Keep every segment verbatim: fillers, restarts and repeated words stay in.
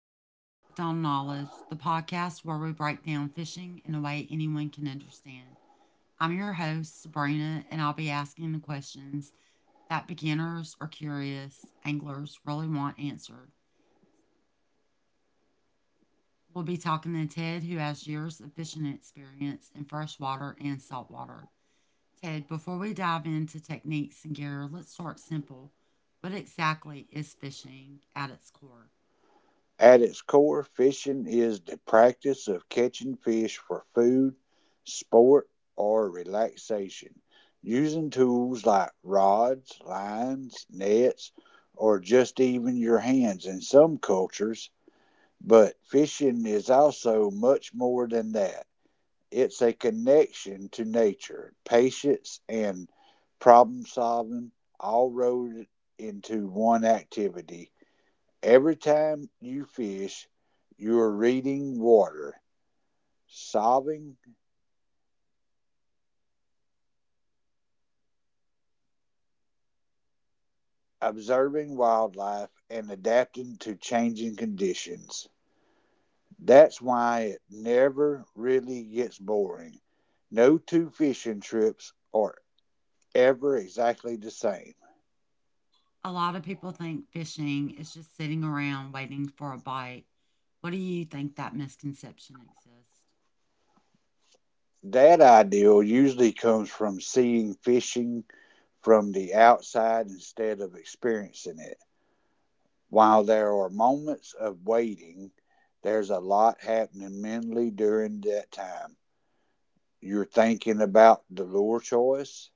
Welcome to Hooked on Knowledge, the podcast where we break down fishing in a way anyone can understand. I'm your host, Sabrina, and I'll be asking the questions that beginners or curious anglers really want answered. We'll be talking to Ted, who has years of fishing experience in freshwater and saltwater. Ted, before we dive into techniques and gear, let's start simple. What exactly is fishing at its core? At its core, fishing is the practice of catching fish for food, sport, or relaxation, using tools like rods, lines, nets, or just even your hands in some cultures. But fishing is also much more than that. It's a connection to nature, patience, and problem solving, all rolled into one activity. Every time you fish, you are reading water, solving, observing wildlife, and adapting to changing conditions. That's why it never really gets boring. No two fishing trips are ever exactly the same. A lot of people think fishing is just sitting around waiting for a bite. What do you think that misconception exists? That ideal usually comes from seeing fishing from the outside instead of experiencing it. While there are moments of waiting, there's a lot happening mentally during that time. You're thinking about the lure choice,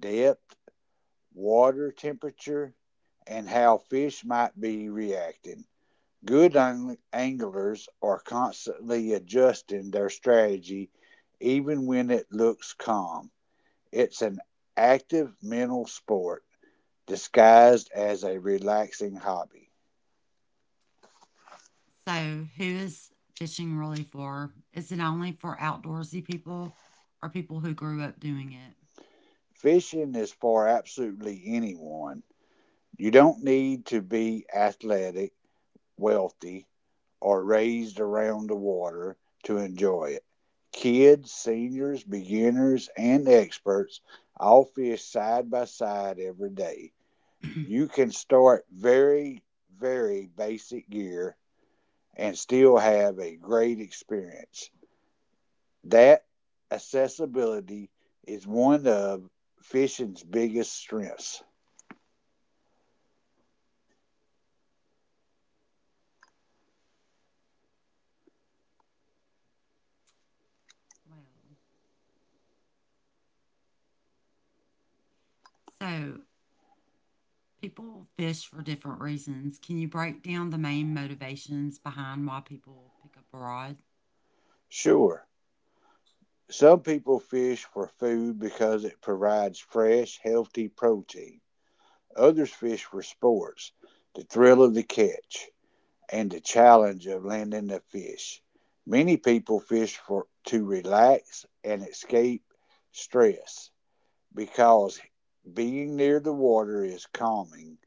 depth, water temperature, and how fish might be reacting. Good anglers are constantly adjusting their strategy even when it looks calm. It's an active mental sport disguised as a relaxing hobby. So, who is fishing really for? Is it only for outdoorsy people or people who grew up doing it? Fishing is for absolutely anyone. You don't need to be athletic, wealthy, or raised around the water to enjoy it. Kids, seniors, beginners, and experts all fish side by side every day. You can start very, very basic gear and still have a great experience. That accessibility is one of fishing's biggest strengths. Well, so people fish for different reasons. Can you break down the main motivations behind why people pick up a rod? Sure, some people fish for food because it provides fresh, healthy protein. Others fish for sports, the thrill of the catch, and the challenge of landing a fish. Many people fish for to relax and escape stress because being near the water is calming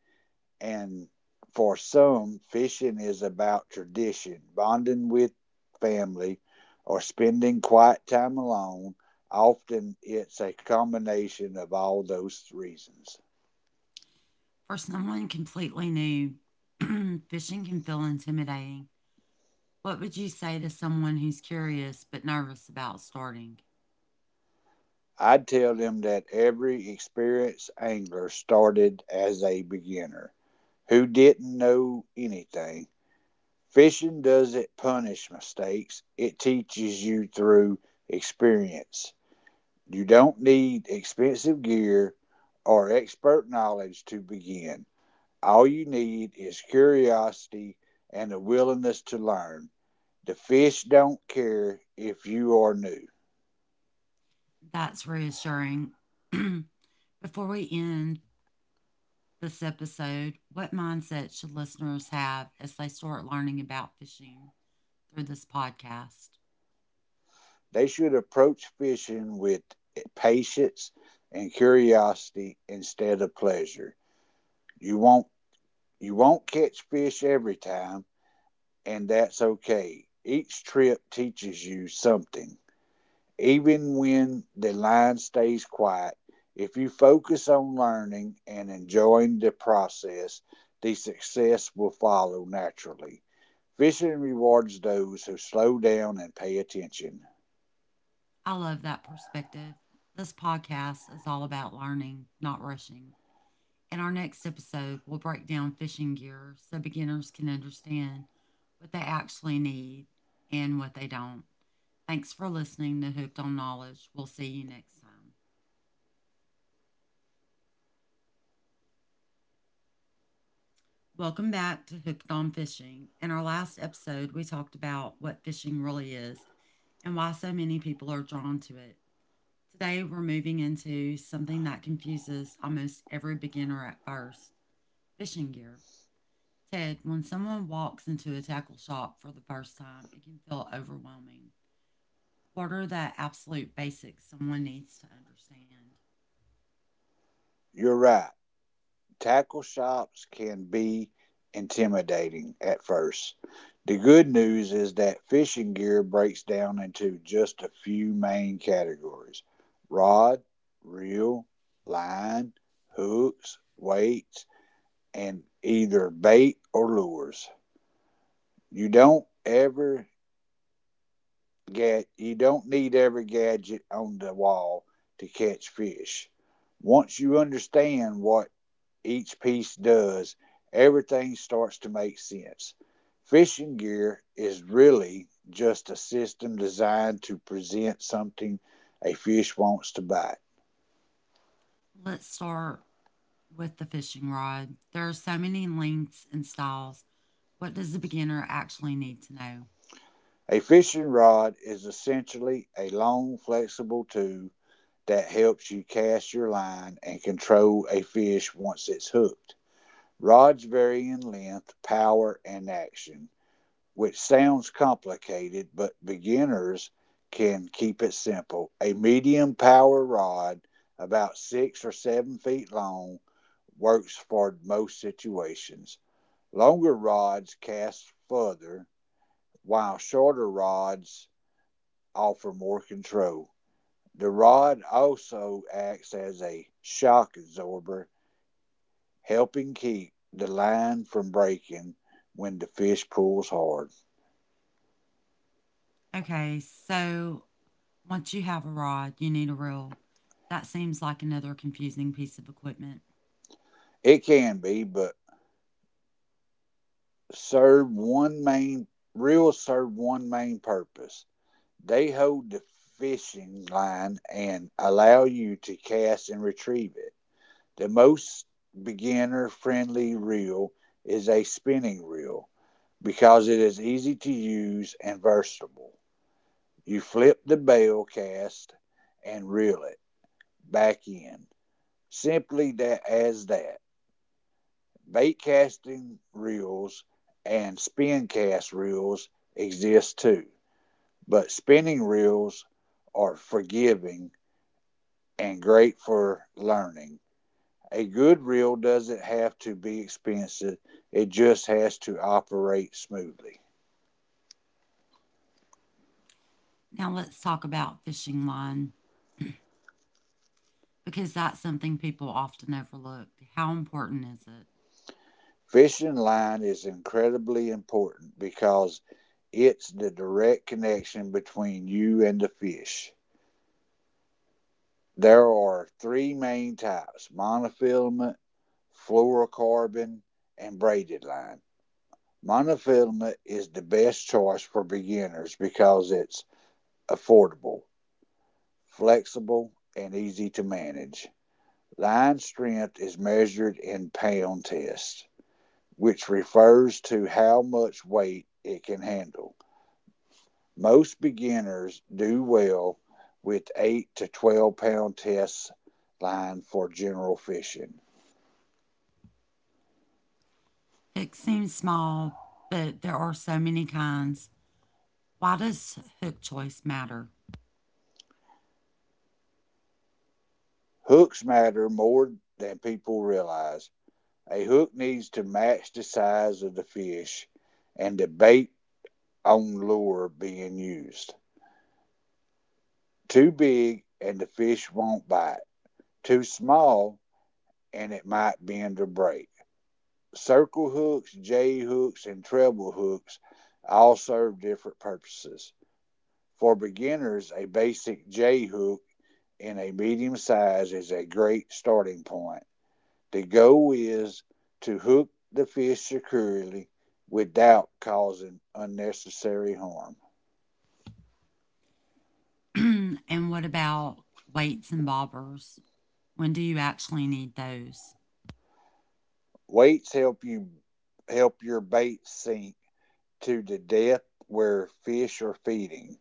and for some, fishing is about tradition, bonding with family, or spending quiet time alone. Often it's a combination of all those reasons. For someone completely new, fishing can feel intimidating. What would you say to someone who's curious but nervous about starting? I'd tell them that every experienced angler started as a beginner who didn't know anything. Fishing doesn't punish mistakes, it teaches you through experience. You don't need expensive gear or expert knowledge to begin. All you need is curiosity and a willingness to learn. The fish don't care if you are new. That's reassuring. Before we end this episode, what mindset should listeners have as they start learning about fishing through this podcast? They should approach fishing with patience and curiosity instead of pleasure. You won't you won't catch fish every time, and that's okay. Each trip teaches you something. Even when the line stays quiet, if you focus on learning and enjoying the process, the success will follow naturally. Fishing rewards those who slow down and pay attention. I love that perspective. This podcast is all about learning, not rushing. In our next episode, we'll break down fishing gear so beginners can understand what they actually need and what they don't. Thanks for listening to Hooked on Knowledge. We'll see you next time. Welcome back to Hooked on Fishing. In our last episode, we talked about what fishing really is and why so many people are drawn to it. Today, we're moving into something that confuses almost every beginner at first: fishing gear. Ted, when someone walks into a tackle shop for the first time, it can feel overwhelming. What are the absolute basics someone needs to understand? You're right. Tackle shops can be intimidating at first. The good news is that fishing gear breaks down into just a few main categories rod, reel, line, hooks, weights, and either bait or lures. You don't ever get you don't need every gadget on the wall to catch fish. Once you understand what each piece does, everything starts to make sense. Fishing gear is really just a system designed to present something a fish wants to bite. Let's start with the fishing rod. There are so many lengths and styles. What does the beginner actually need to know? A fishing rod is essentially a long, flexible tube that helps you cast your line and control a fish once it's hooked. Rods vary in length, power, and action, which sounds complicated, but beginners can keep it simple. A medium power rod, about six or seven feet long, works for most situations. Longer rods cast further, while shorter rods offer more control. The rod also acts as a shock absorber, helping keep the line from breaking when the fish pulls hard. Okay, so once you have a rod, you need a reel. That seems like another confusing piece of equipment. It can be, but serve one main reels serve one main purpose. They hold the fishing line and allow you to cast and retrieve it. The most beginner friendly reel is a spinning reel because it is easy to use and versatile. You flip the bail cast and reel it back in. Simply that as that. Bait casting reels and spin cast reels exist too, but spinning reels are forgiving and great for learning. A good reel doesn't have to be expensive, it just has to operate smoothly. Now let's talk about fishing line, because that's something people often overlook. How important is it? Fishing line is incredibly important because it's the direct connection between you and the fish. There are three main types monofilament, fluorocarbon, and braided line. Monofilament is the best choice for beginners because it's affordable, flexible, and easy to manage. Line strength is measured in pound test, which refers to how much weight it can handle. Most beginners do well with eight to twelve pound test line for general fishing. Hook seems small, but there are so many kinds. Why does hook choice matter? Hooks matter more than people realize. A hook needs to match the size of the fish and the bait on lure being used. Too big and the fish won't bite. Too small and it might bend or break. Circle hooks, J hooks, and treble hooks all serve different purposes. For beginners, a basic J hook in a medium size is a great starting point. The goal is to hook the fish securely without causing unnecessary harm. And what about weights and bobbers? When do you actually need those? Weights help you Help your bait sink to the depth where fish are feeding.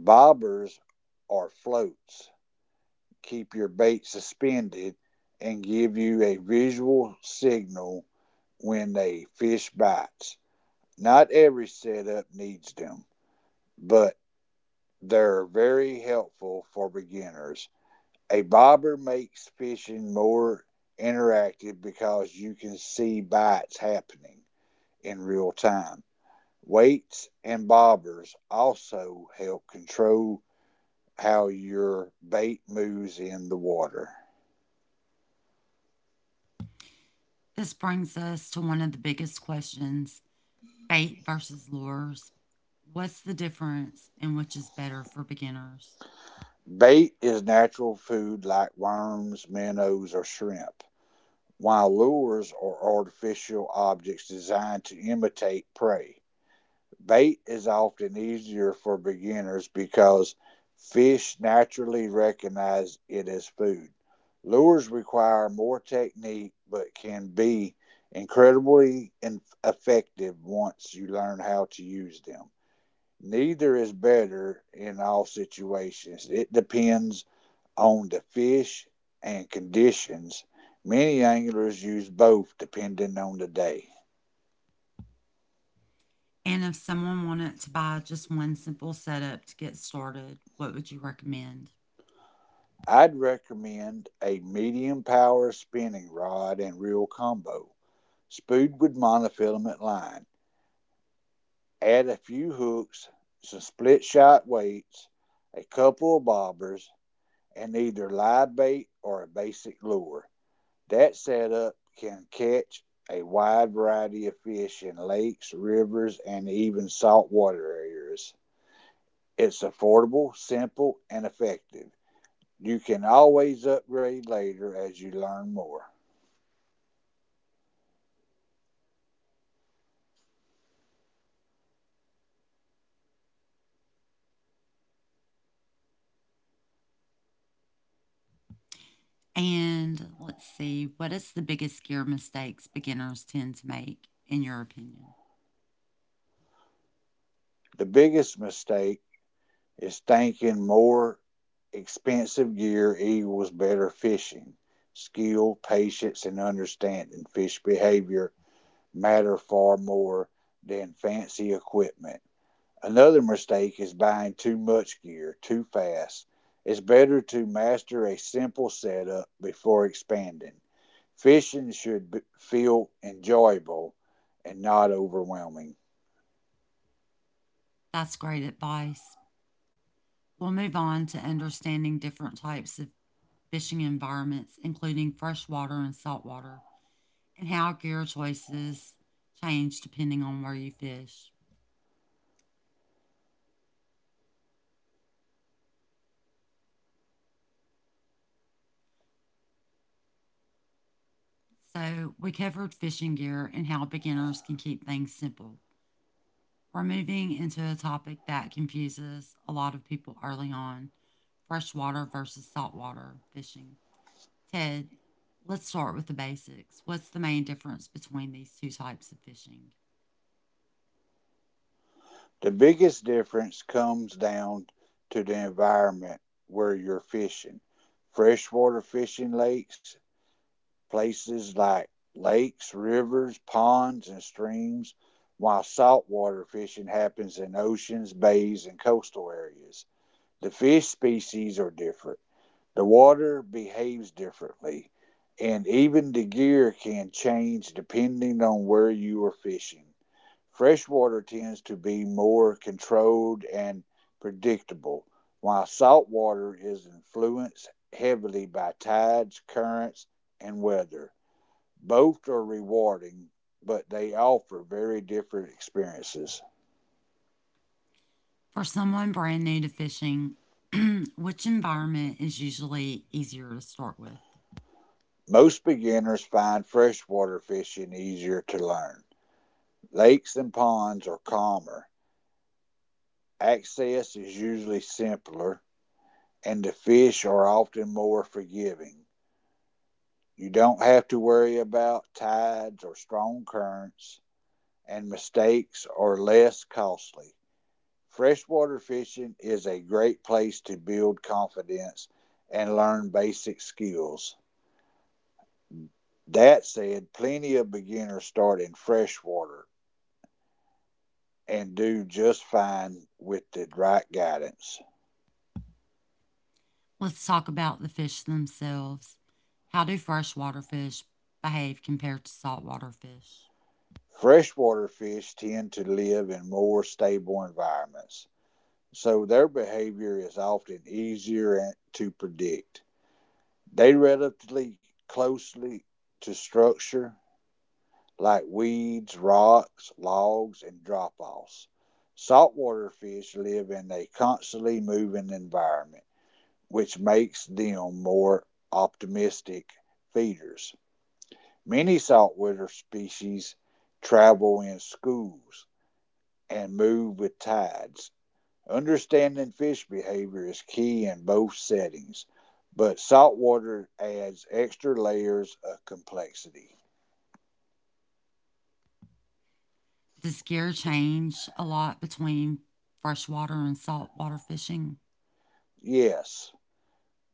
Bobbers or floats keep your bait suspended and give you a visual signal when a fish bites. Not every setup needs them, but they're very helpful for beginners. A bobber makes fishing more interactive because you can see bites happening in real time. Weights and bobbers also help control how your bait moves in the water. This brings us to one of the biggest questions: bait versus lures. What's the difference and which is better for beginners? Bait is natural food like worms, minnows, or shrimp, while lures are artificial objects designed to imitate prey. Bait is often easier for beginners because fish naturally recognize it as food. Lures require more technique but can be incredibly effective once you learn how to use them. Neither is better in all situations. It depends on the fish and conditions. Many anglers use both depending on the day. And if someone wanted to buy just one simple setup to get started, what would you recommend? I'd recommend a medium power spinning rod and reel combo, spooled with monofilament line. Add a few hooks, some split shot weights, a couple of bobbers, and either live bait or a basic lure. That setup can catch a wide variety of fish in lakes, rivers, and even saltwater areas. It's affordable, simple, and effective. You can always upgrade later as you learn more. And let's see, what is the biggest scare mistakes beginners tend to make, in your opinion? The biggest mistake is thinking more expensive gear equals better fishing. Skill, patience, and understanding fish behavior matter far more than fancy equipment. Another mistake is buying too much gear too fast. It's better to master a simple setup before expanding. Fishing should feel enjoyable and not overwhelming. That's great advice. We'll move on to understanding different types of fishing environments, including freshwater and saltwater, and how gear choices change depending on where you fish. So, we covered fishing gear and how beginners can keep things simple. We're moving into a topic that confuses a lot of people early on: freshwater versus saltwater fishing. Ted, let's start with the basics. What's the main difference between these two types of fishing? The biggest difference comes down to the environment where you're fishing. Freshwater fishing lakes, Places like lakes, rivers, ponds, and streams, while saltwater fishing happens in oceans, bays, and coastal areas. The fish species are different, the water behaves differently, and even the gear can change depending on where you are fishing. Freshwater tends to be more controlled and predictable, while saltwater is influenced heavily by tides, currents, and weather. Both are rewarding, but they offer very different experiences. For someone brand new to fishing, which environment is usually easier to start with? Most beginners find freshwater fishing easier to learn. Lakes and ponds are calmer, access is usually simpler, and the fish are often more forgiving. You don't have to worry about tides or strong currents, and mistakes are less costly. Freshwater fishing is a great place to build confidence and learn basic skills. That said, plenty of beginners start in freshwater and do just fine with the right guidance. Let's talk about the fish themselves. How do freshwater fish behave compared to saltwater fish? Freshwater fish tend to live in more stable environments, so their behavior is often easier to predict. They relatively closely to structure like weeds, rocks, logs, and drop offs. Saltwater fish live in a constantly moving environment, which makes them more optimistic feeders. Many saltwater species travel in schools and move with tides. Understanding fish behavior is key in both settings, but saltwater adds extra layers of complexity. Does gear change a lot between freshwater and saltwater fishing? Yes,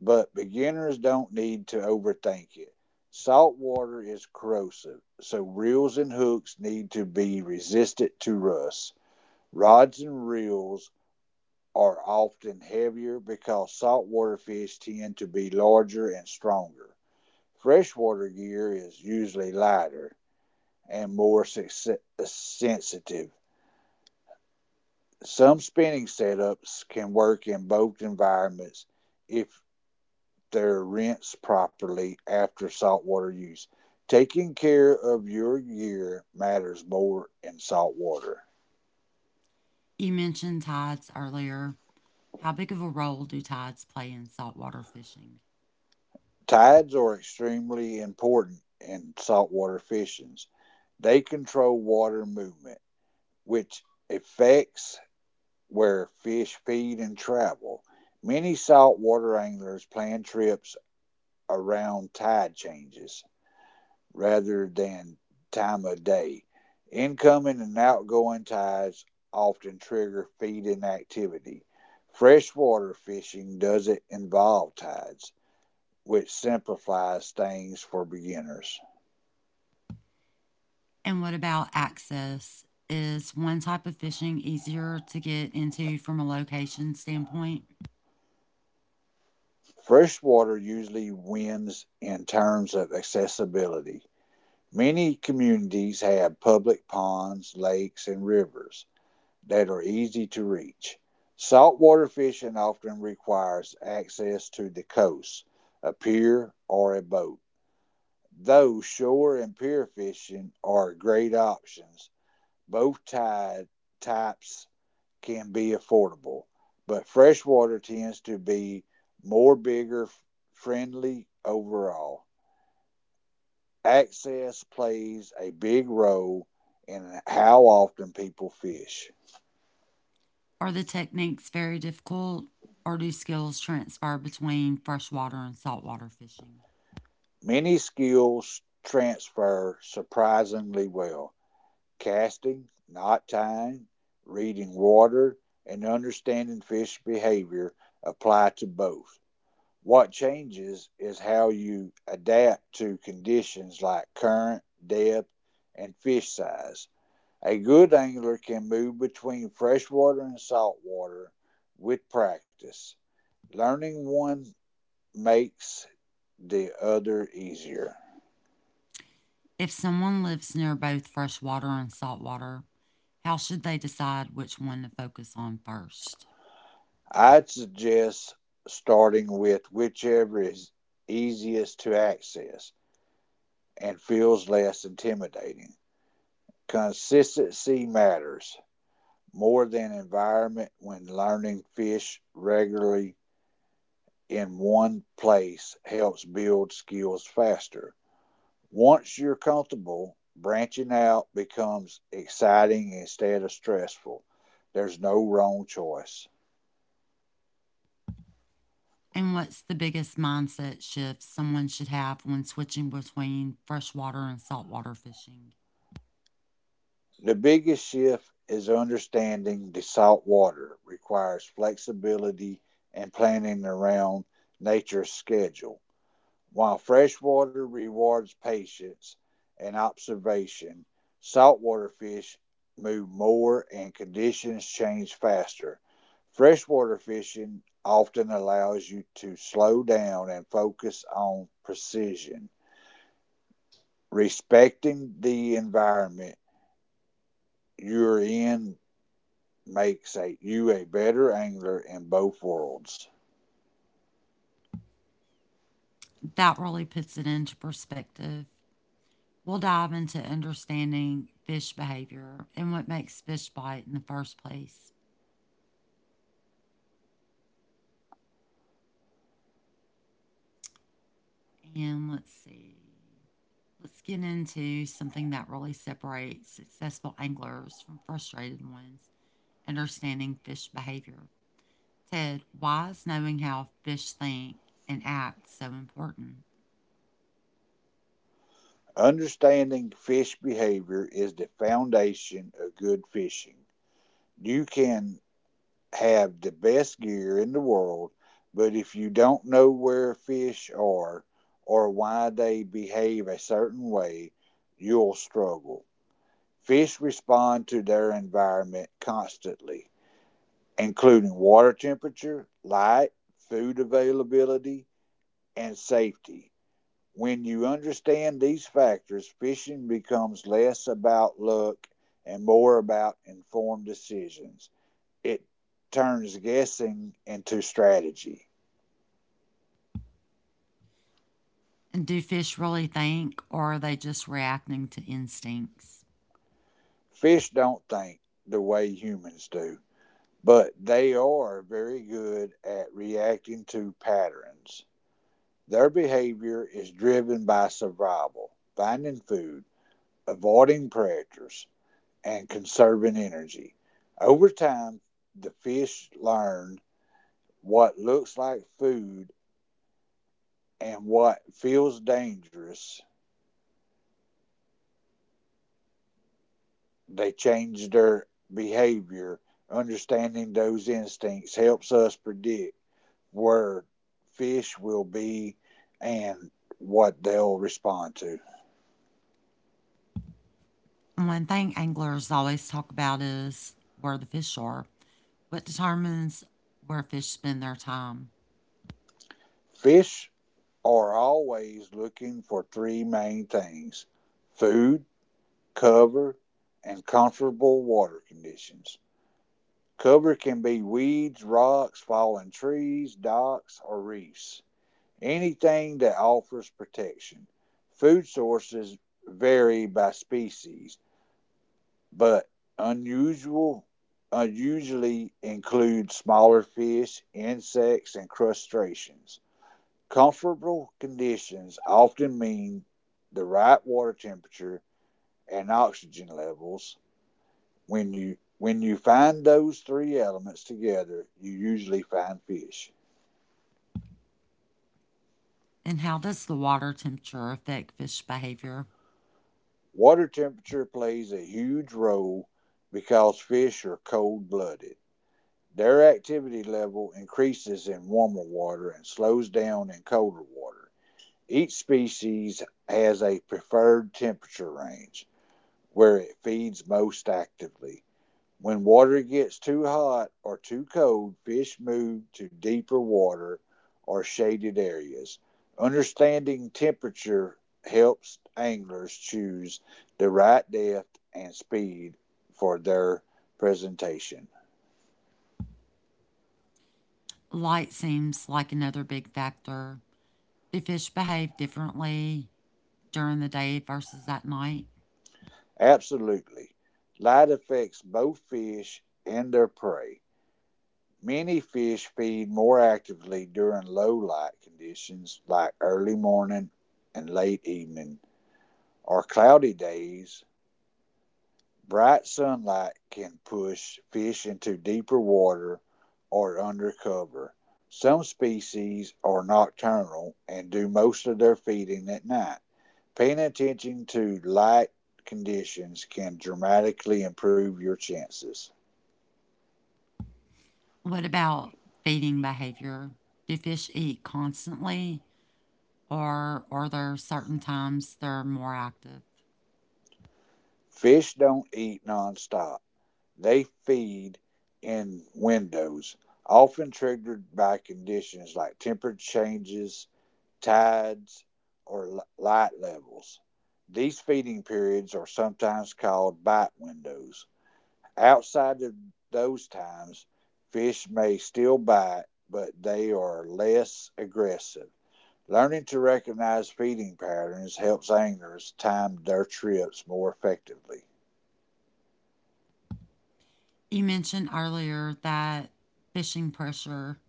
but beginners don't need to overthink it. Saltwater is corrosive, so reels and hooks need to be resistant to rust. Rods and reels are often heavier because saltwater fish tend to be larger and stronger. Freshwater gear is usually lighter, and more sensitive. Some spinning setups can work in both environments if they're rinsed properly after saltwater use. Taking care of your gear matters more in saltwater. You mentioned tides earlier. How big of a role do tides play in saltwater fishing? Tides are extremely important in saltwater fishing. They control water movement, which affects where fish feed and travel. Many saltwater anglers plan trips around tide changes rather than time of day. Incoming and outgoing tides often trigger feeding activity. Freshwater fishing doesn't involve tides, which simplifies things for beginners. And what about access? Is one type of fishing easier to get into from a location standpoint? Freshwater usually wins in terms of accessibility. Many communities have public ponds, lakes, and rivers that are easy to reach. Saltwater fishing often requires access to the coast, a pier, or a boat. Though shore and pier fishing are great options, both tide types can be affordable, but freshwater tends to be more bigger friendly overall. Access plays a big role in how often people fish. Are the techniques very difficult, or do skills transfer between freshwater and saltwater fishing? Many skills transfer surprisingly well: casting, knot tying, reading water, and understanding fish behavior apply to both. What changes is how you adapt to conditions like current, depth, and fish size. A good angler can move between freshwater and saltwater with practice. Learning one makes the other easier. If someone lives near both freshwater and saltwater, how should they decide which one to focus on first? I'd suggest starting with whichever is easiest to access and feels less intimidating. Consistency matters more than environment when learning fish regularly in one place helps build skills faster. Once you're comfortable, branching out becomes exciting instead of stressful. There's no wrong choice. And what's the biggest mindset shift someone should have when switching between freshwater and saltwater fishing? The biggest shift is understanding the saltwater requires flexibility and planning around nature's schedule, while freshwater rewards patience and observation. Saltwater fish move more and conditions change faster. Freshwater fishing often allows you to slow down and focus on precision, respecting the environment you're in makes a, you a better angler in both worlds. That really puts it into perspective. We'll dive into understanding fish behavior and what makes fish bite in the first place. And let's see, let's get into something that really separates successful anglers from frustrated ones: understanding fish behavior. Ted, why is knowing how fish think and act so important? Understanding fish behavior is the foundation of good fishing. You can have the best gear in the world, but if you don't know where fish are or why they behave a certain way, you'll struggle. Fish respond to their environment constantly, including water temperature, light, food availability, and safety. When you understand these factors, fishing becomes less about luck and more about informed decisions. It turns guessing into strategy. And do fish really think, or are they just reacting to instincts? Fish don't think the way humans do, but they are very good at reacting to patterns. Their behavior is driven by survival, finding food, avoiding predators, and conserving energy. Over time, the fish learn what looks like food and what feels dangerous, they change their behavior. Understanding those instincts helps us predict where fish will be and what they'll respond to. And One thing anglers always talk about is where the fish are. What determines where fish spend their time? Fish are always looking for three main things: food, cover, and comfortable water conditions. Cover can be weeds, rocks, fallen trees, docks, or reefs, anything that offers protection. Food sources vary by species, but unusual usually include smaller fish, insects, and crustaceans. Comfortable conditions often mean the right water temperature and oxygen levels. When you when you find those three elements together, you usually find fish. And how does the water temperature affect fish behavior? Water temperature plays a huge role because fish are cold blooded. Their activity level increases in warmer water and slows down in colder water. Each species has a preferred temperature range where it feeds most actively. When water gets too hot or too cold, fish move to deeper water or shaded areas. Understanding temperature helps anglers choose the right depth and speed for their presentation. Light seems like another big factor. Do fish behave differently during the day versus at night? Absolutely. Light affects both fish and their prey. Many fish feed more actively during low light conditions like early morning and late evening or cloudy days. Bright sunlight can push fish into deeper water or under cover. Some species are nocturnal and do most of their feeding at night. Paying attention to light conditions can dramatically improve your chances. What about feeding behavior? Do fish eat constantly, or are there certain times they're more active? Fish don't eat nonstop. They feed in windows, often triggered by conditions like temperature changes, tides, or light levels. These feeding periods are sometimes called bite windows. Outside of those times, fish may still bite, but they are less aggressive. Learning to recognize feeding patterns helps anglers time their trips more effectively. You mentioned earlier that fishing pressure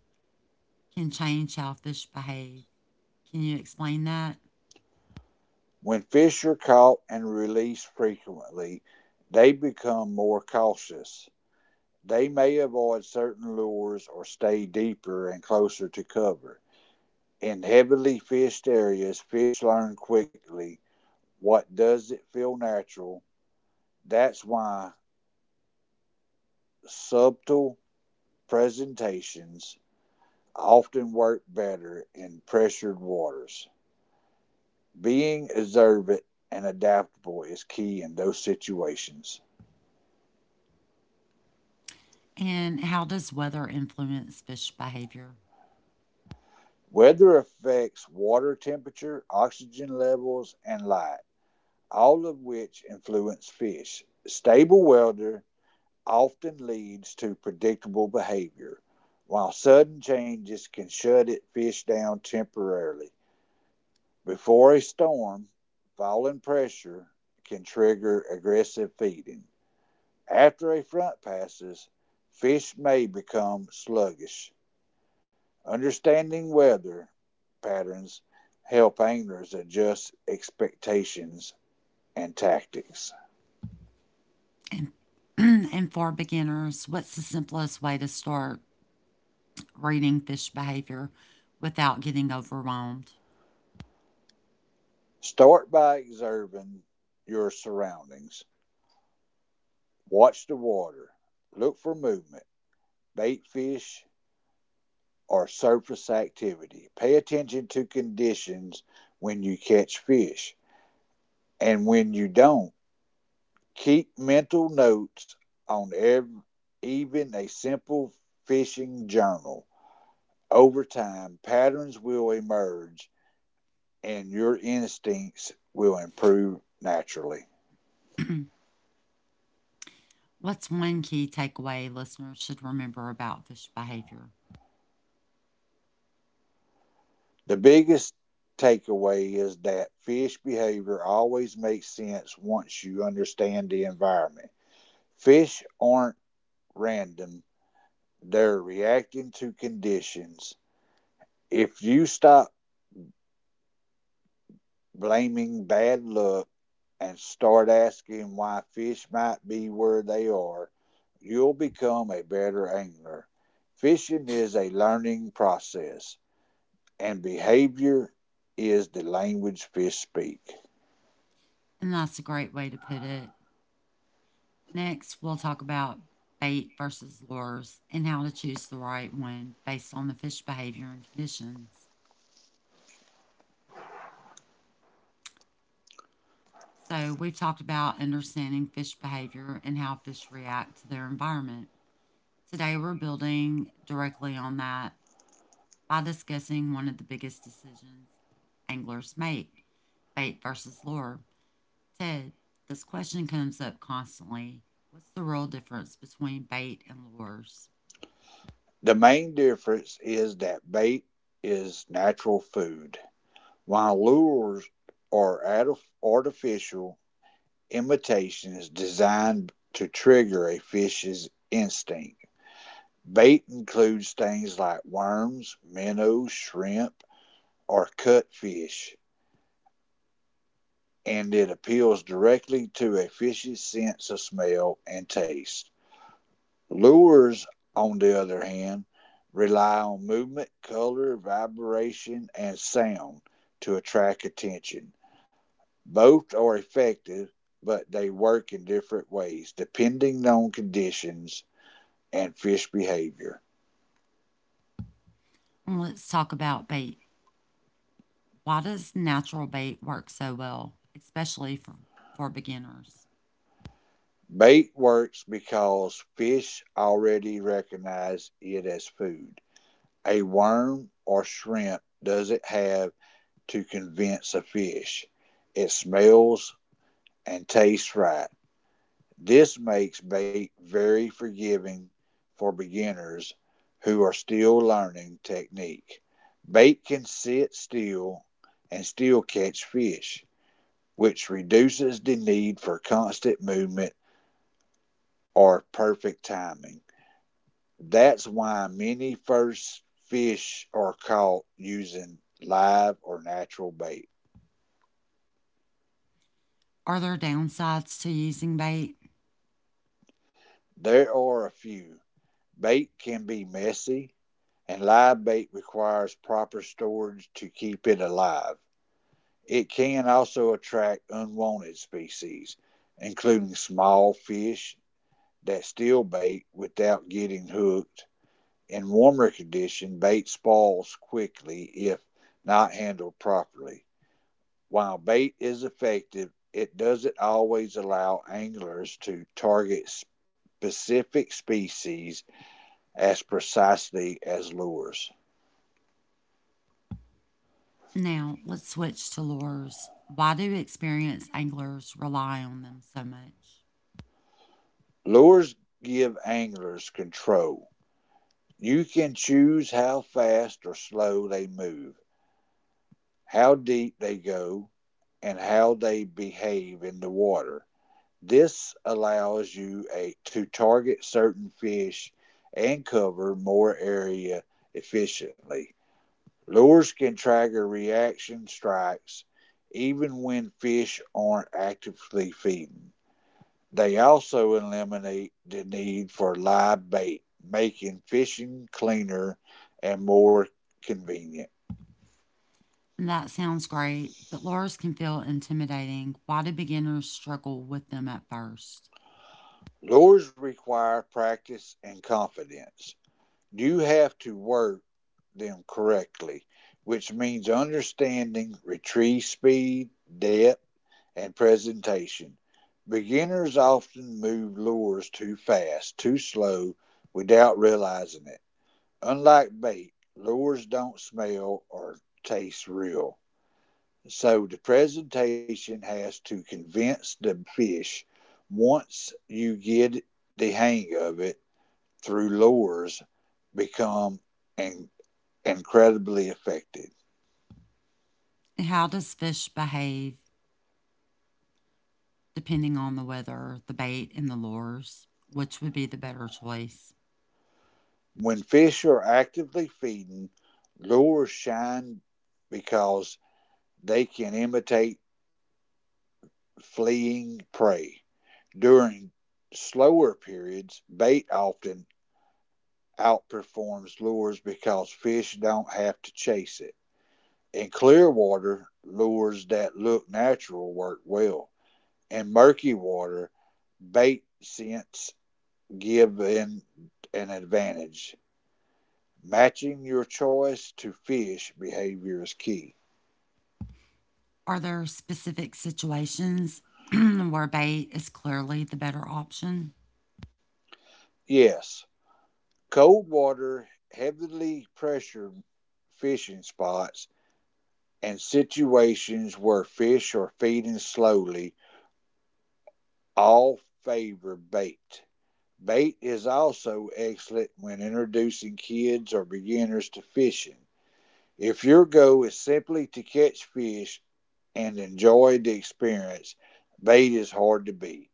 can change how fish behave. Can you explain that? When fish are caught and released frequently, they become more cautious. They may avoid certain lures or stay deeper and closer to cover. In heavily fished areas, fish learn quickly what doesn't feel natural. That's why subtle presentations often work better in pressured waters. Being observant and adaptable is key in those situations. And how does weather influence fish behavior? Weather affects water temperature, oxygen levels, and light, all of which influence fish. Stable weather often leads to predictable behavior, while sudden changes can shut it fish down temporarily. Before a storm, falling pressure can trigger aggressive feeding. After a front passes, fish may become sluggish. Understanding weather patterns help anglers adjust expectations and tactics. And and for beginners, what's the simplest way to start reading fish behavior without getting overwhelmed? Start by observing your surroundings. Watch the water. Look for movement, bait fish, or surface activity. Pay attention to conditions when you catch fish. And when you don't, keep mental notes on ev- even a simple fishing journal. Over time, patterns will emerge and your instincts will improve naturally. What's one key takeaway listeners should remember about fish behavior? The biggest takeaway is that fish behavior always makes sense once you understand the environment. Fish aren't random, they're reacting to conditions. If you stop blaming bad luck and start asking why fish might be where they are, you'll become a better angler. Fishing is a learning process, and behavior is the language fish speak. And that's a great way to put it. Next, we'll talk about bait versus lures and how to choose the right one based on the fish behavior and conditions. So, we've talked about understanding fish behavior and how fish react to their environment. Today, we're building directly on that by discussing one of the biggest decisions anglers make: bait versus lure. Ted, this question comes up constantly. What's the real difference between bait and lures? The main difference is that bait is natural food, while lures are artificial imitations designed to trigger a fish's instinct. Bait includes things like worms, minnows, shrimp, or cutfish, and it appeals directly to a fish's sense of smell and taste. Lures, on the other hand, rely on movement, color, vibration, and sound to attract attention. Both are effective, but they work in different ways depending on conditions and fish behavior. And let's talk about bait. Why does natural bait work so well, especially for, for beginners? Bait works because fish already recognize it as food. A worm or shrimp doesn't have to convince a fish. It smells and tastes right. This makes bait very forgiving for beginners who are still learning technique. Bait can sit still and still catch fish, which reduces the need for constant movement or perfect timing. That's why many first fish are caught using live or natural bait. Are there downsides to using bait? There are a few. Bait can be messy, and live bait requires proper storage to keep it alive. It can also attract unwanted species, including small fish that steal bait without getting hooked. In warmer conditions, bait spoils quickly if not handled properly. While bait is effective, it doesn't always allow anglers to target specific species as precisely as lures. Now, let's switch to lures. Why do experienced anglers rely on them so much? Lures give anglers control. You can choose how fast or slow they move, how deep they go, and how they behave in the water. This allows you a, to target certain fish and cover more area efficiently. Lures can trigger reaction strikes even when fish aren't actively feeding. They also eliminate the need for live bait, making fishing cleaner and more convenient. And that sounds great, but lures can feel intimidating. Why do beginners struggle with them at first? Lures require practice and confidence. You have to work them correctly, which means understanding retrieve speed, depth, and presentation. Beginners often move lures too fast, too slow, without realizing it. Unlike bait, lures don't smell or taste real, so the presentation has to convince the fish. Once you get the hang of it through lures, become in- incredibly effective. And How does fish behave depending on the weather, the bait, and the lures? Which would be the better choice? When fish are actively feeding, lures shine because they can imitate fleeing prey. During slower periods, bait often outperforms lures because fish don't have to chase it. In clear water, lures that look natural work well. In murky water, bait scents give in an advantage. Matching your choice to fish behavior is key. Are there specific situations where bait is clearly the better option? Yes, cold water, heavily pressured fishing spots, and situations where fish are feeding slowly all favor bait. Bait is also excellent when introducing kids or beginners to fishing. If your goal is simply to catch fish and enjoy the experience, bait is hard to beat.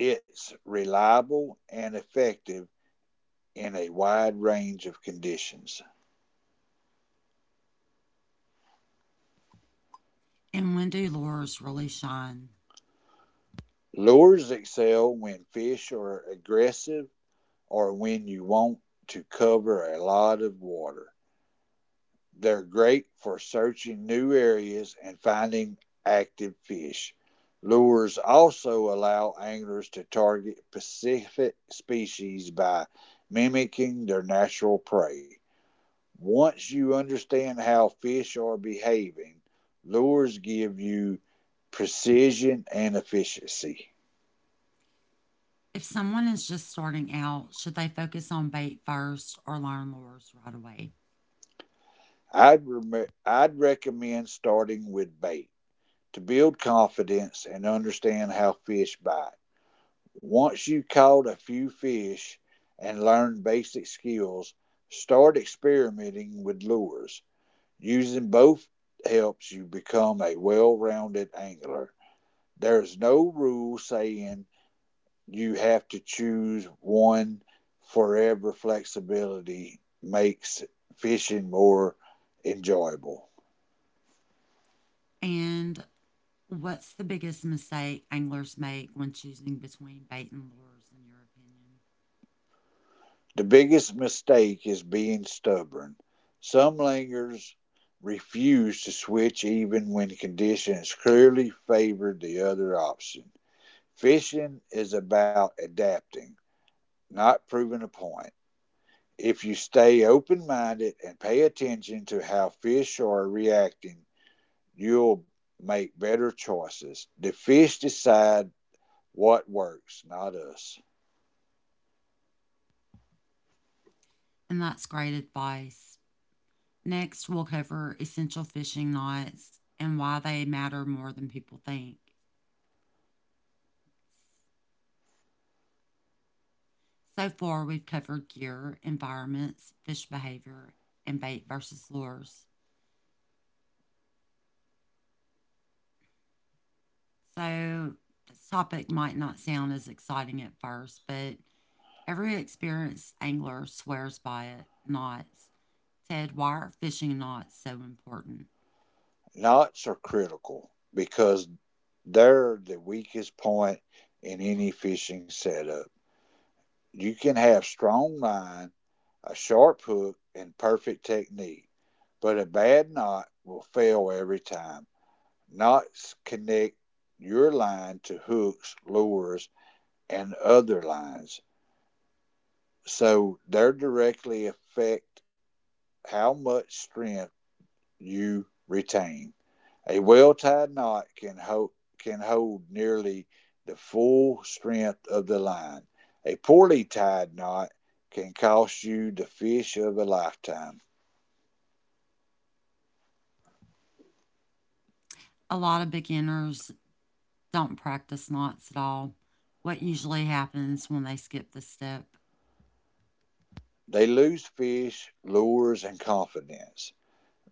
It's reliable and effective in a wide range of conditions. And when do lures really shine? Lures excel when fish are aggressive or when you want to cover a lot of water. They're great for searching new areas and finding active fish. Lures also allow anglers to target specific species by mimicking their natural prey. Once you understand how fish are behaving, lures give you precision and efficiency. If someone is just starting out, should they focus on bait first or learn lures right away? I'd, rem- I'd recommend starting with bait to build confidence and understand how fish bite. Once you've caught a few fish and learned basic skills, start experimenting with lures. Using both helps you become a well rounded angler. There's no rule saying you have to choose one forever. Flexibility makes fishing more enjoyable. And what's the biggest mistake anglers make when choosing between bait and lures, in your opinion? The biggest mistake is being stubborn. Some langers refuse to switch even when conditions clearly favor the other option. Fishing is about adapting, not proving a point. If you stay open minded and pay attention to how fish are reacting, you'll make better choices. The fish decide what works, not us. And that's great advice. Next, we'll cover essential fishing knots and why they matter more than people think. So far, we've covered gear, environments, fish behavior, and bait versus lures. So, this topic might not sound as exciting at first, but every experienced angler swears by it: knots. Ted, why are fishing knots so important? Knots are critical because they're the weakest point in any fishing setup. You can have strong line, a sharp hook, and perfect technique, but a bad knot will fail every time. Knots connect your line to hooks, lures, and other lines, so they directly affect how much strength you retain. A well tied knot can hold, can hold nearly the full strength of the line. A poorly tied knot can cost you the fish of a lifetime. A lot of beginners don't practice knots at all. What usually happens when they skip the step? They lose fish, lures, and confidence.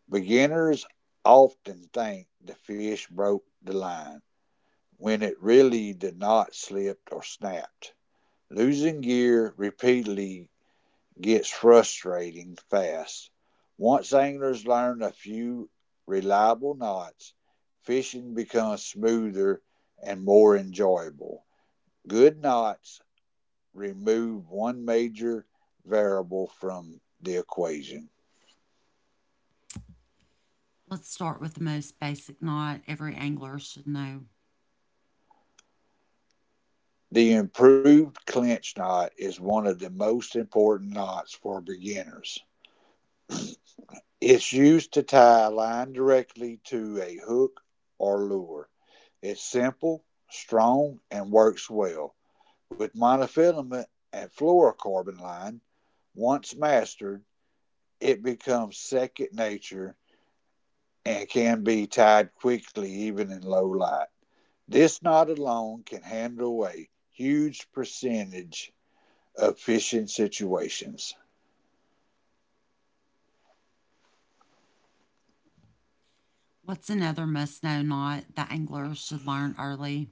Beginners often think the fish broke the line when it really the knot slipped or snapped. Losing gear repeatedly gets frustrating fast. Once anglers learn a few reliable knots, fishing becomes smoother and more enjoyable. Good knots remove one major variable from the equation. Let's start with the most basic knot every angler should know. The improved clinch knot is one of the most important knots for beginners. It's used to tie a line directly to a hook or lure. It's simple, strong, and works well. With monofilament and fluorocarbon line, once mastered, it becomes second nature and can be tied quickly even in low light. This knot alone can handle a huge percentage of fishing situations. What's another must know knot that anglers should learn early?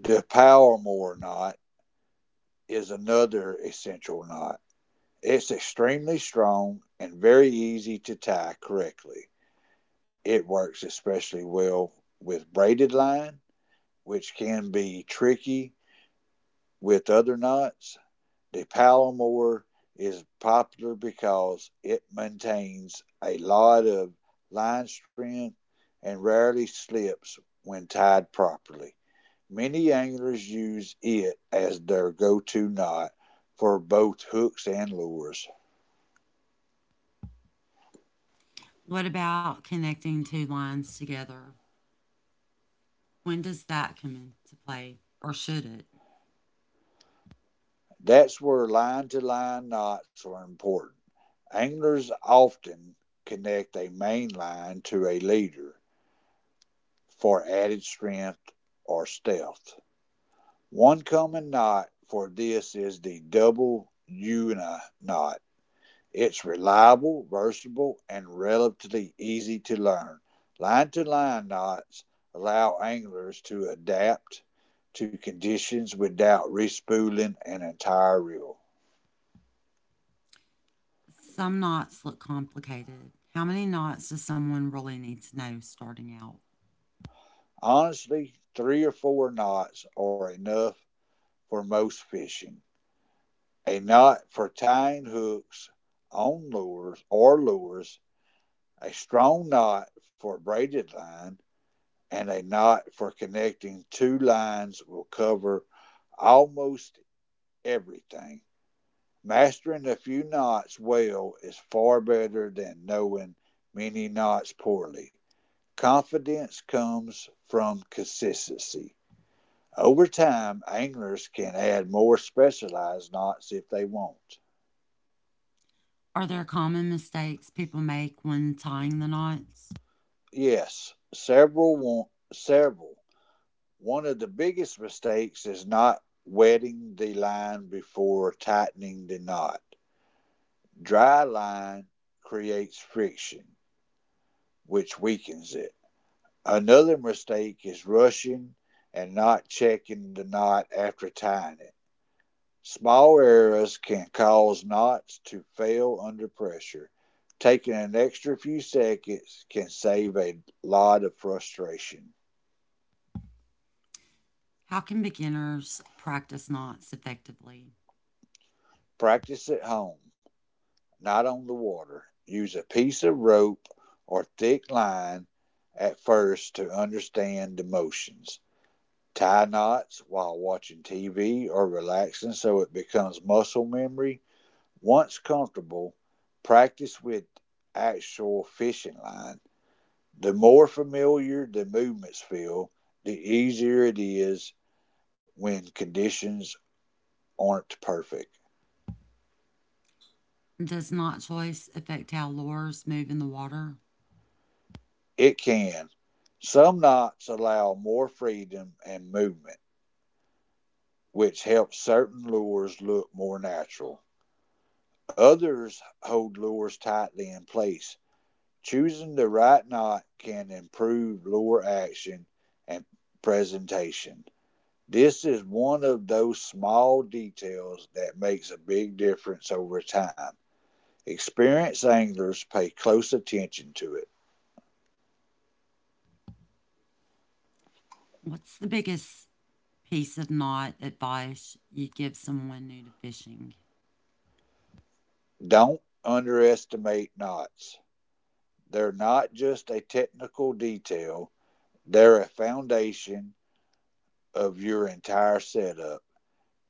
The Powermore knot is another essential knot. It's extremely strong and very easy to tie correctly. It works especially well with braided line which can be tricky with other knots, the Palomar is popular because it maintains a lot of line strength and rarely slips when tied properly. Many anglers use it as their go to knot for both hooks and lures. What about connecting two lines together? When does that come into play, or should it? That's where line to line knots are important. Anglers often connect a main line to a leader for added strength or stealth. One common knot for this is the double Una knot. It's reliable, versatile, and relatively easy to learn. Line to line knots allow anglers to adapt to conditions without respooling an entire reel. Some knots look complicated. How many knots does someone really need to know starting out? Honestly, three or four knots are enough for most fishing. A knot for tying hooks on lures or lures, a strong knot for braided line, and a knot for connecting two lines will cover almost everything. Mastering a few knots well is far better than knowing many knots poorly. Confidence comes from consistency. Over time, anglers can add more specialized knots if they want. Are there common mistakes people make when tying the knots? Yes, several want several. One of the biggest mistakes is not wetting the line before tightening the knot. Dry line creates friction, which weakens it. Another mistake is rushing and not checking the knot after tying it. Small errors can cause knots to fail under pressure. Taking an extra few seconds can save a lot of frustration. How can beginners practice knots effectively? Practice at home, not on the water. Use a piece of rope or thick line at first to understand the motions. Tie knots while watching T V or relaxing so it becomes muscle memory. Once comfortable, practice with actual fishing line. The more familiar the movements feel, the easier it is when conditions aren't perfect. Does knot choice affect how lures move in the water? It can. Some knots allow more freedom and movement, which helps certain lures look more natural. Others hold lures tightly in place. Choosing the right knot can improve lure action and presentation. This is one of those small details that makes a big difference over time. Experienced anglers pay close attention to it. What's the biggest piece of knot advice you give someone new to fishing? Don't underestimate knots. They're not just a technical detail, they're a foundation of your entire setup.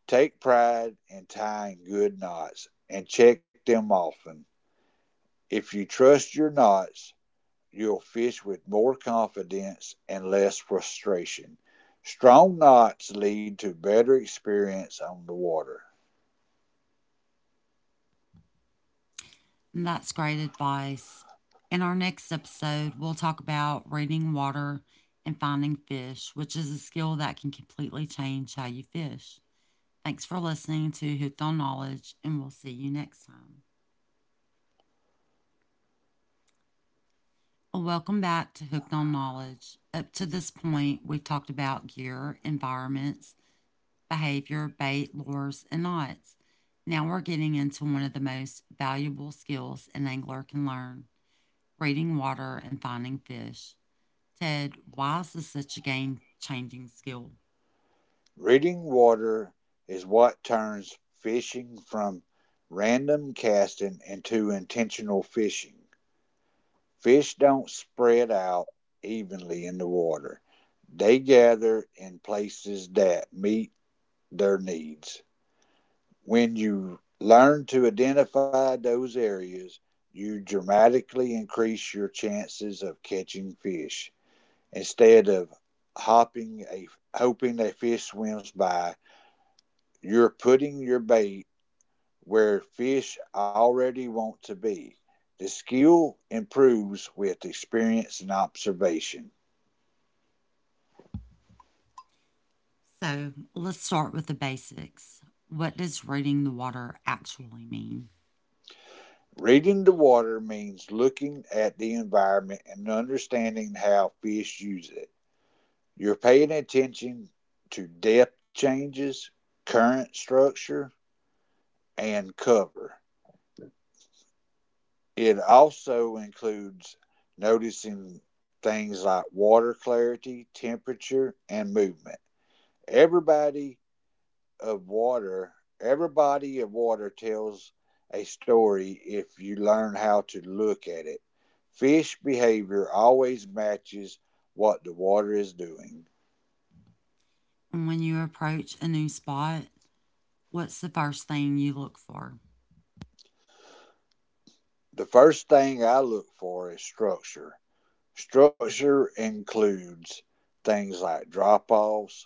Take pride in tying good knots and check them often. If you trust your knots, you'll fish with more confidence and less frustration. Strong knots lead to better experience on the water. And That's great advice. In our next episode, we'll talk about reading water and finding fish, which is a skill that can completely change how you fish. Thanks for listening to Hooked on Knowledge, and we'll see you next time. Welcome back to Hooked on Knowledge. Up to this point, we've talked about gear, environments, behavior, bait, lures, and knots. Now we're getting into one of the most valuable skills an angler can learn: reading water and finding fish. Ted, why is this such a game changing skill? Reading water is what turns fishing from random casting into intentional fishing. Fish don't spread out evenly in the water. They gather in places that meet their needs. When you learn to identify those areas, you dramatically increase your chances of catching fish. Instead of hopping a, hoping a fish swims by, you're putting your bait where fish already want to be. The skill improves with experience and observation. So let's start with the basics. What does reading the water actually mean? Reading the water means looking at the environment and understanding how fish use it. You're paying attention to depth changes, current structure, and cover. It also includes noticing things like water clarity, temperature, and movement. Everybody of water, every body of water tells a story if you learn how to look at it. Fish behavior always matches what the water is doing. When you approach a new spot, what's the first thing you look for? The first thing I look for is structure. Structure includes things like drop offs,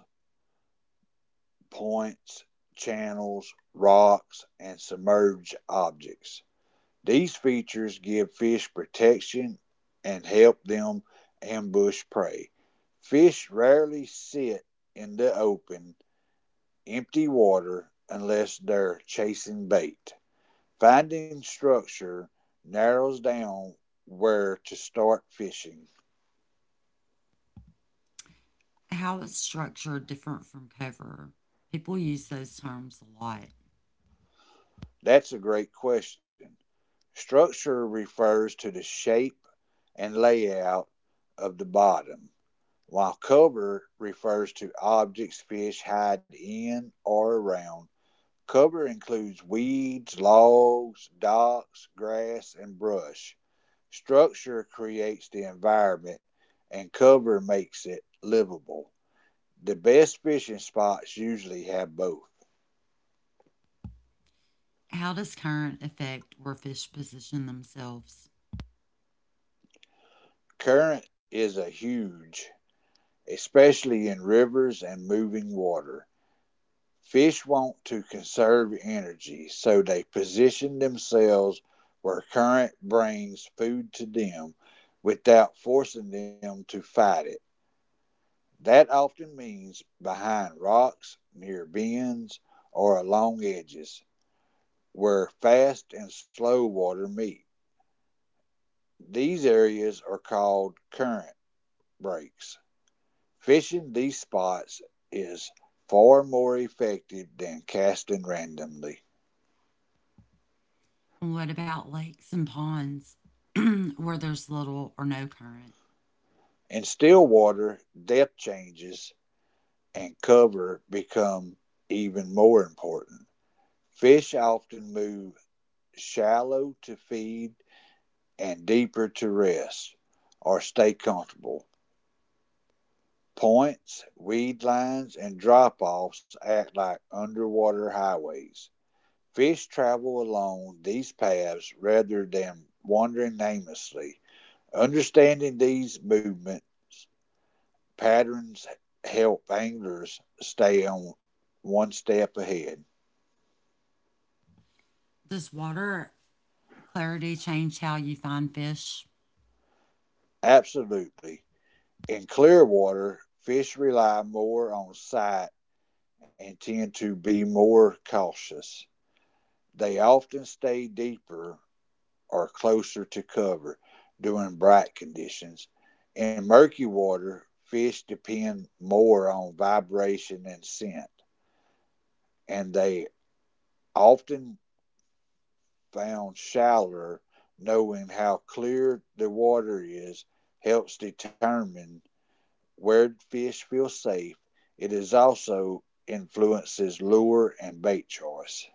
points, channels, rocks, and submerged objects. These features give fish protection and help them ambush prey. Fish rarely sit in the open, empty water unless they're chasing bait. Finding structure narrows down where to start fishing. How is structure different from cover? People use those terms a lot. That's a great question. Structure refers to the shape and layout of the bottom, while cover refers to objects fish hide in or around. Cover includes weeds, logs, docks, grass, and brush. Structure creates the environment, and cover makes it livable. The best fishing spots usually have both. How does current affect where fish position themselves? Current is a huge, especially in rivers and moving water. Fish want to conserve energy, so they position themselves where current brings food to them without forcing them to fight it. That often means behind rocks, near bends, or along edges where fast and slow water meet. These areas are called current breaks. Fishing these spots is far more effective than casting randomly. What about lakes and ponds where there's little or no current? In still water, depth changes and cover become even more important. Fish often move shallow to feed and deeper to rest or stay comfortable. Points, weed lines, and drop offs act like underwater highways. Fish travel along these paths rather than wandering aimlessly. Understanding these movements patterns help anglers stay on one step ahead. Does water clarity change how you find fish? Absolutely. In clear water, fish rely more on sight and tend to be more cautious. They often stay deeper or closer to cover during bright conditions. In murky water, fish depend more on vibration and scent, and they often found shallower. Knowing how clear the water is helps determine where fish feel safe. It is also influences lure and bait choice.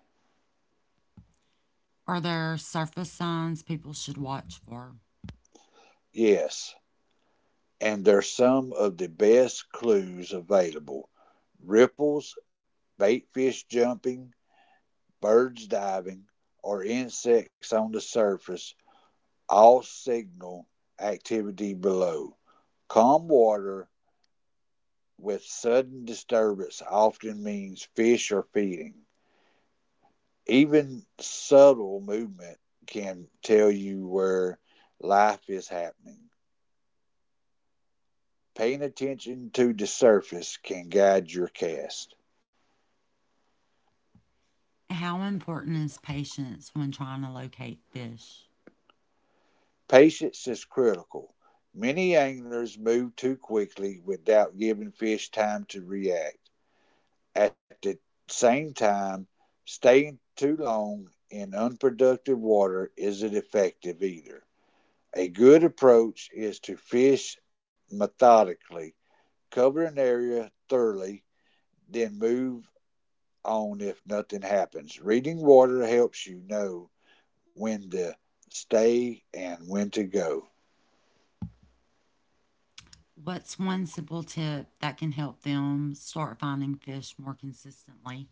Are there surface signs people should watch for? Yes, and they're some of the best clues available. Ripples, bait fish jumping, birds diving, or insects on the surface all signal activity below. Calm water with sudden disturbance often means fish are feeding. Even subtle movement can tell you where life is happening. Paying attention to the surface can guide your cast. How important is patience when trying to locate fish? Patience is critical. Many anglers move too quickly without giving fish time to react. At the same time, staying too long in unproductive water isn't effective either. A good approach is to fish methodically, cover an area thoroughly, then move on if nothing happens. Reading water helps you know when to stay and when to go. What's one simple tip that can help them start finding fish more consistently?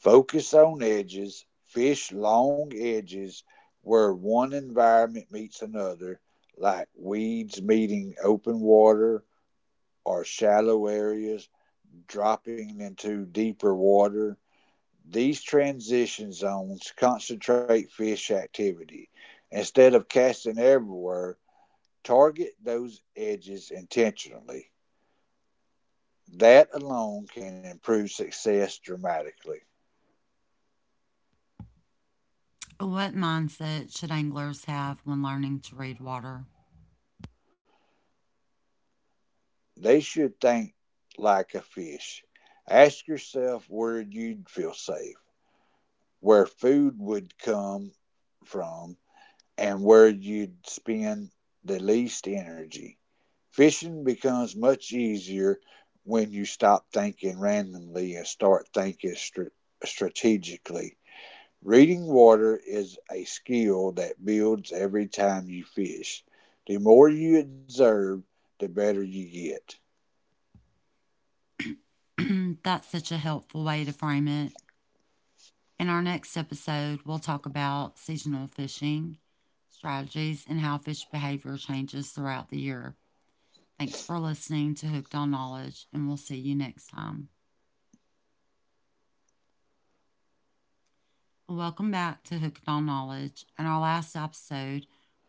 Focus on edges, fish long edges where one environment meets another, like weeds meeting open water or shallow areas dropping into deeper water. These transition zones concentrate fish activity. Instead of casting everywhere, target those edges intentionally. That alone can improve success dramatically. What mindset should anglers have when learning to read water? They should think like a fish. Ask yourself where you'd feel safe, where food would come from, and where you'd spend the least energy. Fishing becomes much easier when you stop thinking randomly and start thinking str- strategically. Reading water is a skill that builds every time you fish. The more you observe, the better you get. That's such a helpful way to frame it. In our next episode, we'll talk about seasonal fishing strategies and how fish behavior changes throughout the year. Thanks for listening to Hooked on Knowledge, and we'll see you next time. Welcome back to Hooked on Knowledge. In our last episode,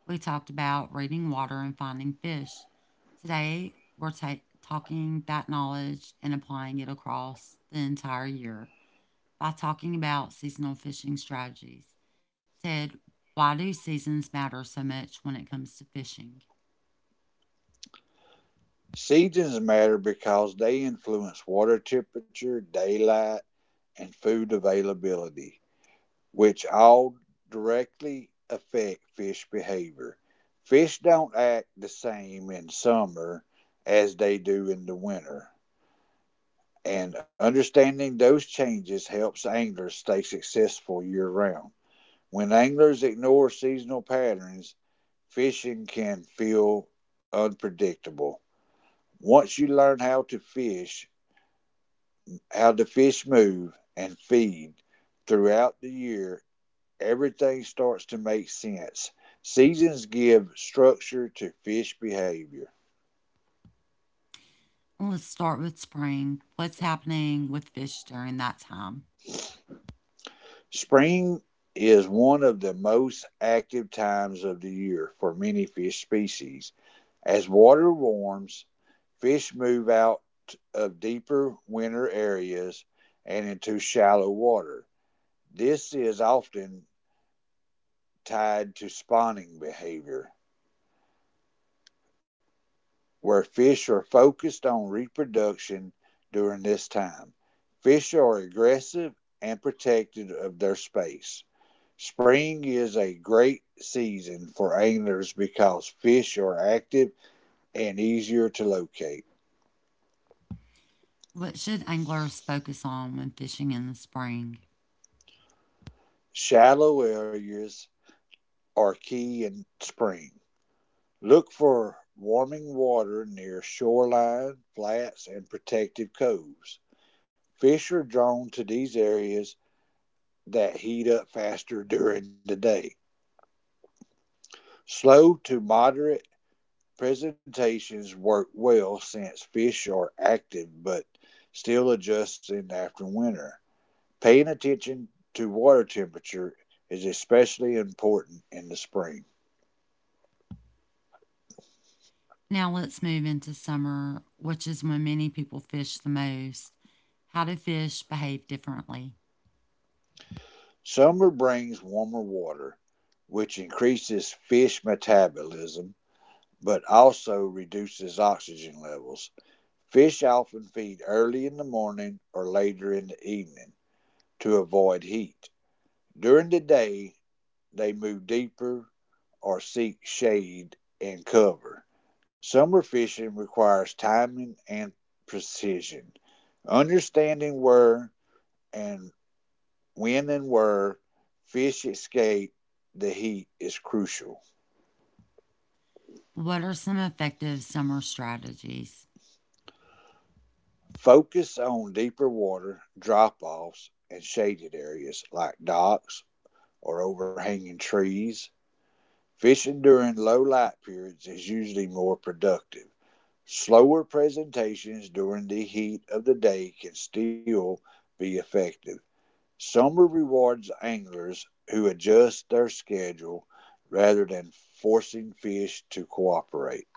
we talked about reading water and finding fish. Today, we're ta- talking that knowledge and applying it across the entire year by talking about seasonal fishing strategies. Ted, why do seasons matter so much when it comes to fishing? Seasons matter because they influence water temperature, daylight, and food availability, which all directly affect fish behavior. Fish don't act the same in summer as they do in the winter, and understanding those changes helps anglers stay successful year round. When anglers ignore seasonal patterns, fishing can feel unpredictable. Once you learn how to fish, how the fish move and feed throughout the year, everything starts to make sense. Seasons give structure to fish behavior. Let's start with spring. What's happening with fish during that time? Spring is one of the most active times of the year for many fish species. As water warms, fish move out of deeper winter areas and into shallow water. This is often tied to spawning behavior, where fish are focused on reproduction during this time. Fish are aggressive and protective of their space. Spring is a great season for anglers because fish are active and easier to locate. What should anglers focus on when fishing in the spring? Shallow areas are key in spring. Look for warming water near shoreline, flats, and protective coves. Fish are drawn to these areas that heat up faster during the day. Slow to moderate presentations work well since fish are active but still adjusting after winter. Paying attention to water temperature is especially important in the spring. Now let's move into summer, which is when many people fish the most. How do fish behave differently? Summer brings warmer water, which increases fish metabolism but also reduces oxygen levels. Fish often feed early in the morning or later in the evening to avoid heat. During the day, they move deeper or seek shade and cover. Summer fishing requires timing and precision. Understanding where and when and where fish escape the heat is crucial. What are some effective summer strategies? Focus on deeper water, drop offs, and shaded areas like docks or overhanging trees. Fishing during low light periods is usually more productive. Slower presentations during the heat of the day can still be effective. Summer rewards anglers who adjust their schedule rather than forcing fish to cooperate.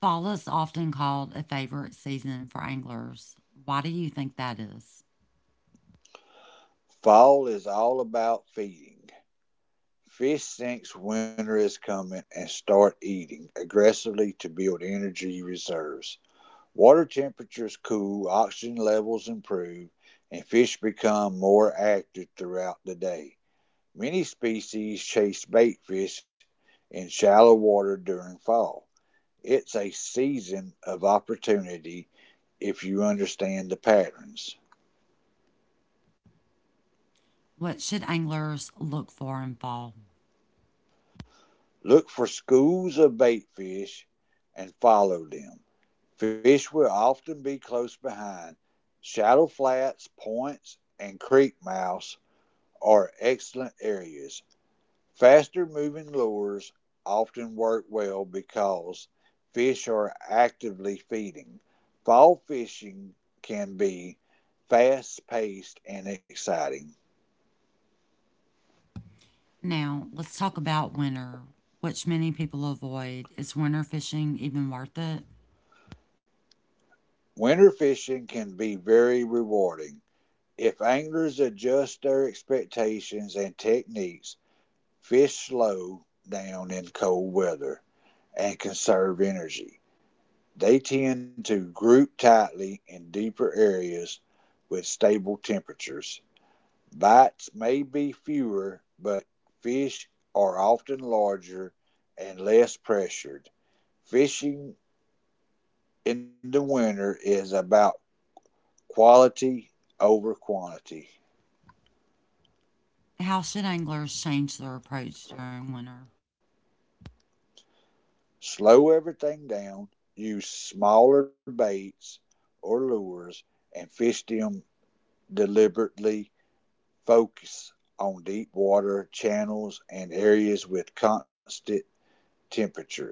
Fall is often called a favorite season for anglers. Why do you think that is? Fall is all about feeding. Fish sense winter is coming and start eating aggressively to build energy reserves. Water temperatures cool, oxygen levels improve, and fish become more active throughout the day. Many species chase bait fish in shallow water during fall. It's a season of opportunity if you understand the patterns. What should anglers look for in fall? Look for schools of bait fish and follow them. Fish will often be close behind. Shallow flats, points, and creek mouths are excellent areas. Faster moving lures often work well because fish are actively feeding. Fall fishing can be fast paced and exciting. Now, let's talk about winter, which many people avoid. Is winter fishing even worth it? Winter fishing can be very rewarding. If anglers adjust their expectations and techniques, fish slow down in cold weather and conserve energy. They tend to group tightly in deeper areas with stable temperatures. Bites may be fewer, but fish are often larger and less pressured. Fishing in the winter is about quality over quantity. How should anglers change their approach during winter? Slow everything down, use smaller baits or lures, and fish them deliberately. Focus on deep water channels and areas with constant temperatures.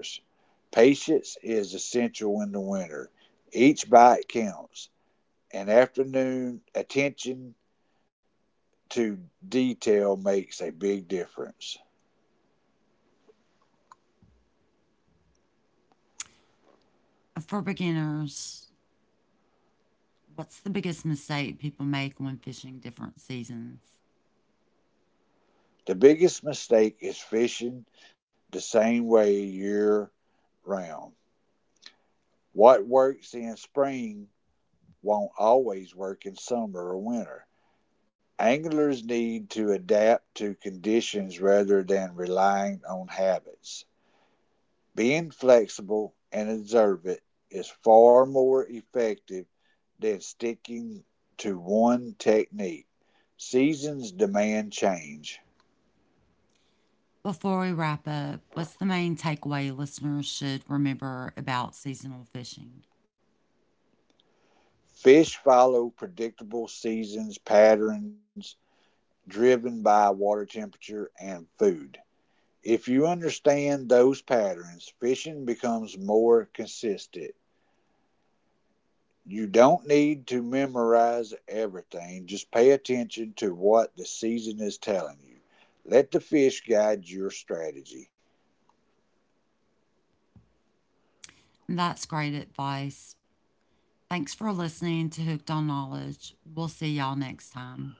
Patience is essential in the winter. Each bite counts, and afternoon attention to detail makes a big difference. For beginners, what's the biggest mistake people make when fishing different seasons? The biggest mistake is fishing the same way year round. What works in spring won't always work in summer or winter. Anglers need to adapt to conditions rather than relying on habits. Being flexible and observant is far more effective than sticking to one technique. Seasons demand change. Before we wrap up, what's the main takeaway listeners should remember about seasonal fishing? Fish follow predictable seasons patterns driven by water temperature and food. If you understand those patterns, fishing becomes more consistent. You don't need to memorize everything. Just pay attention to what the season is telling you. Let the fish guide your strategy. That's great advice. Thanks for listening to Hooked on Knowledge. We'll see y'all next time.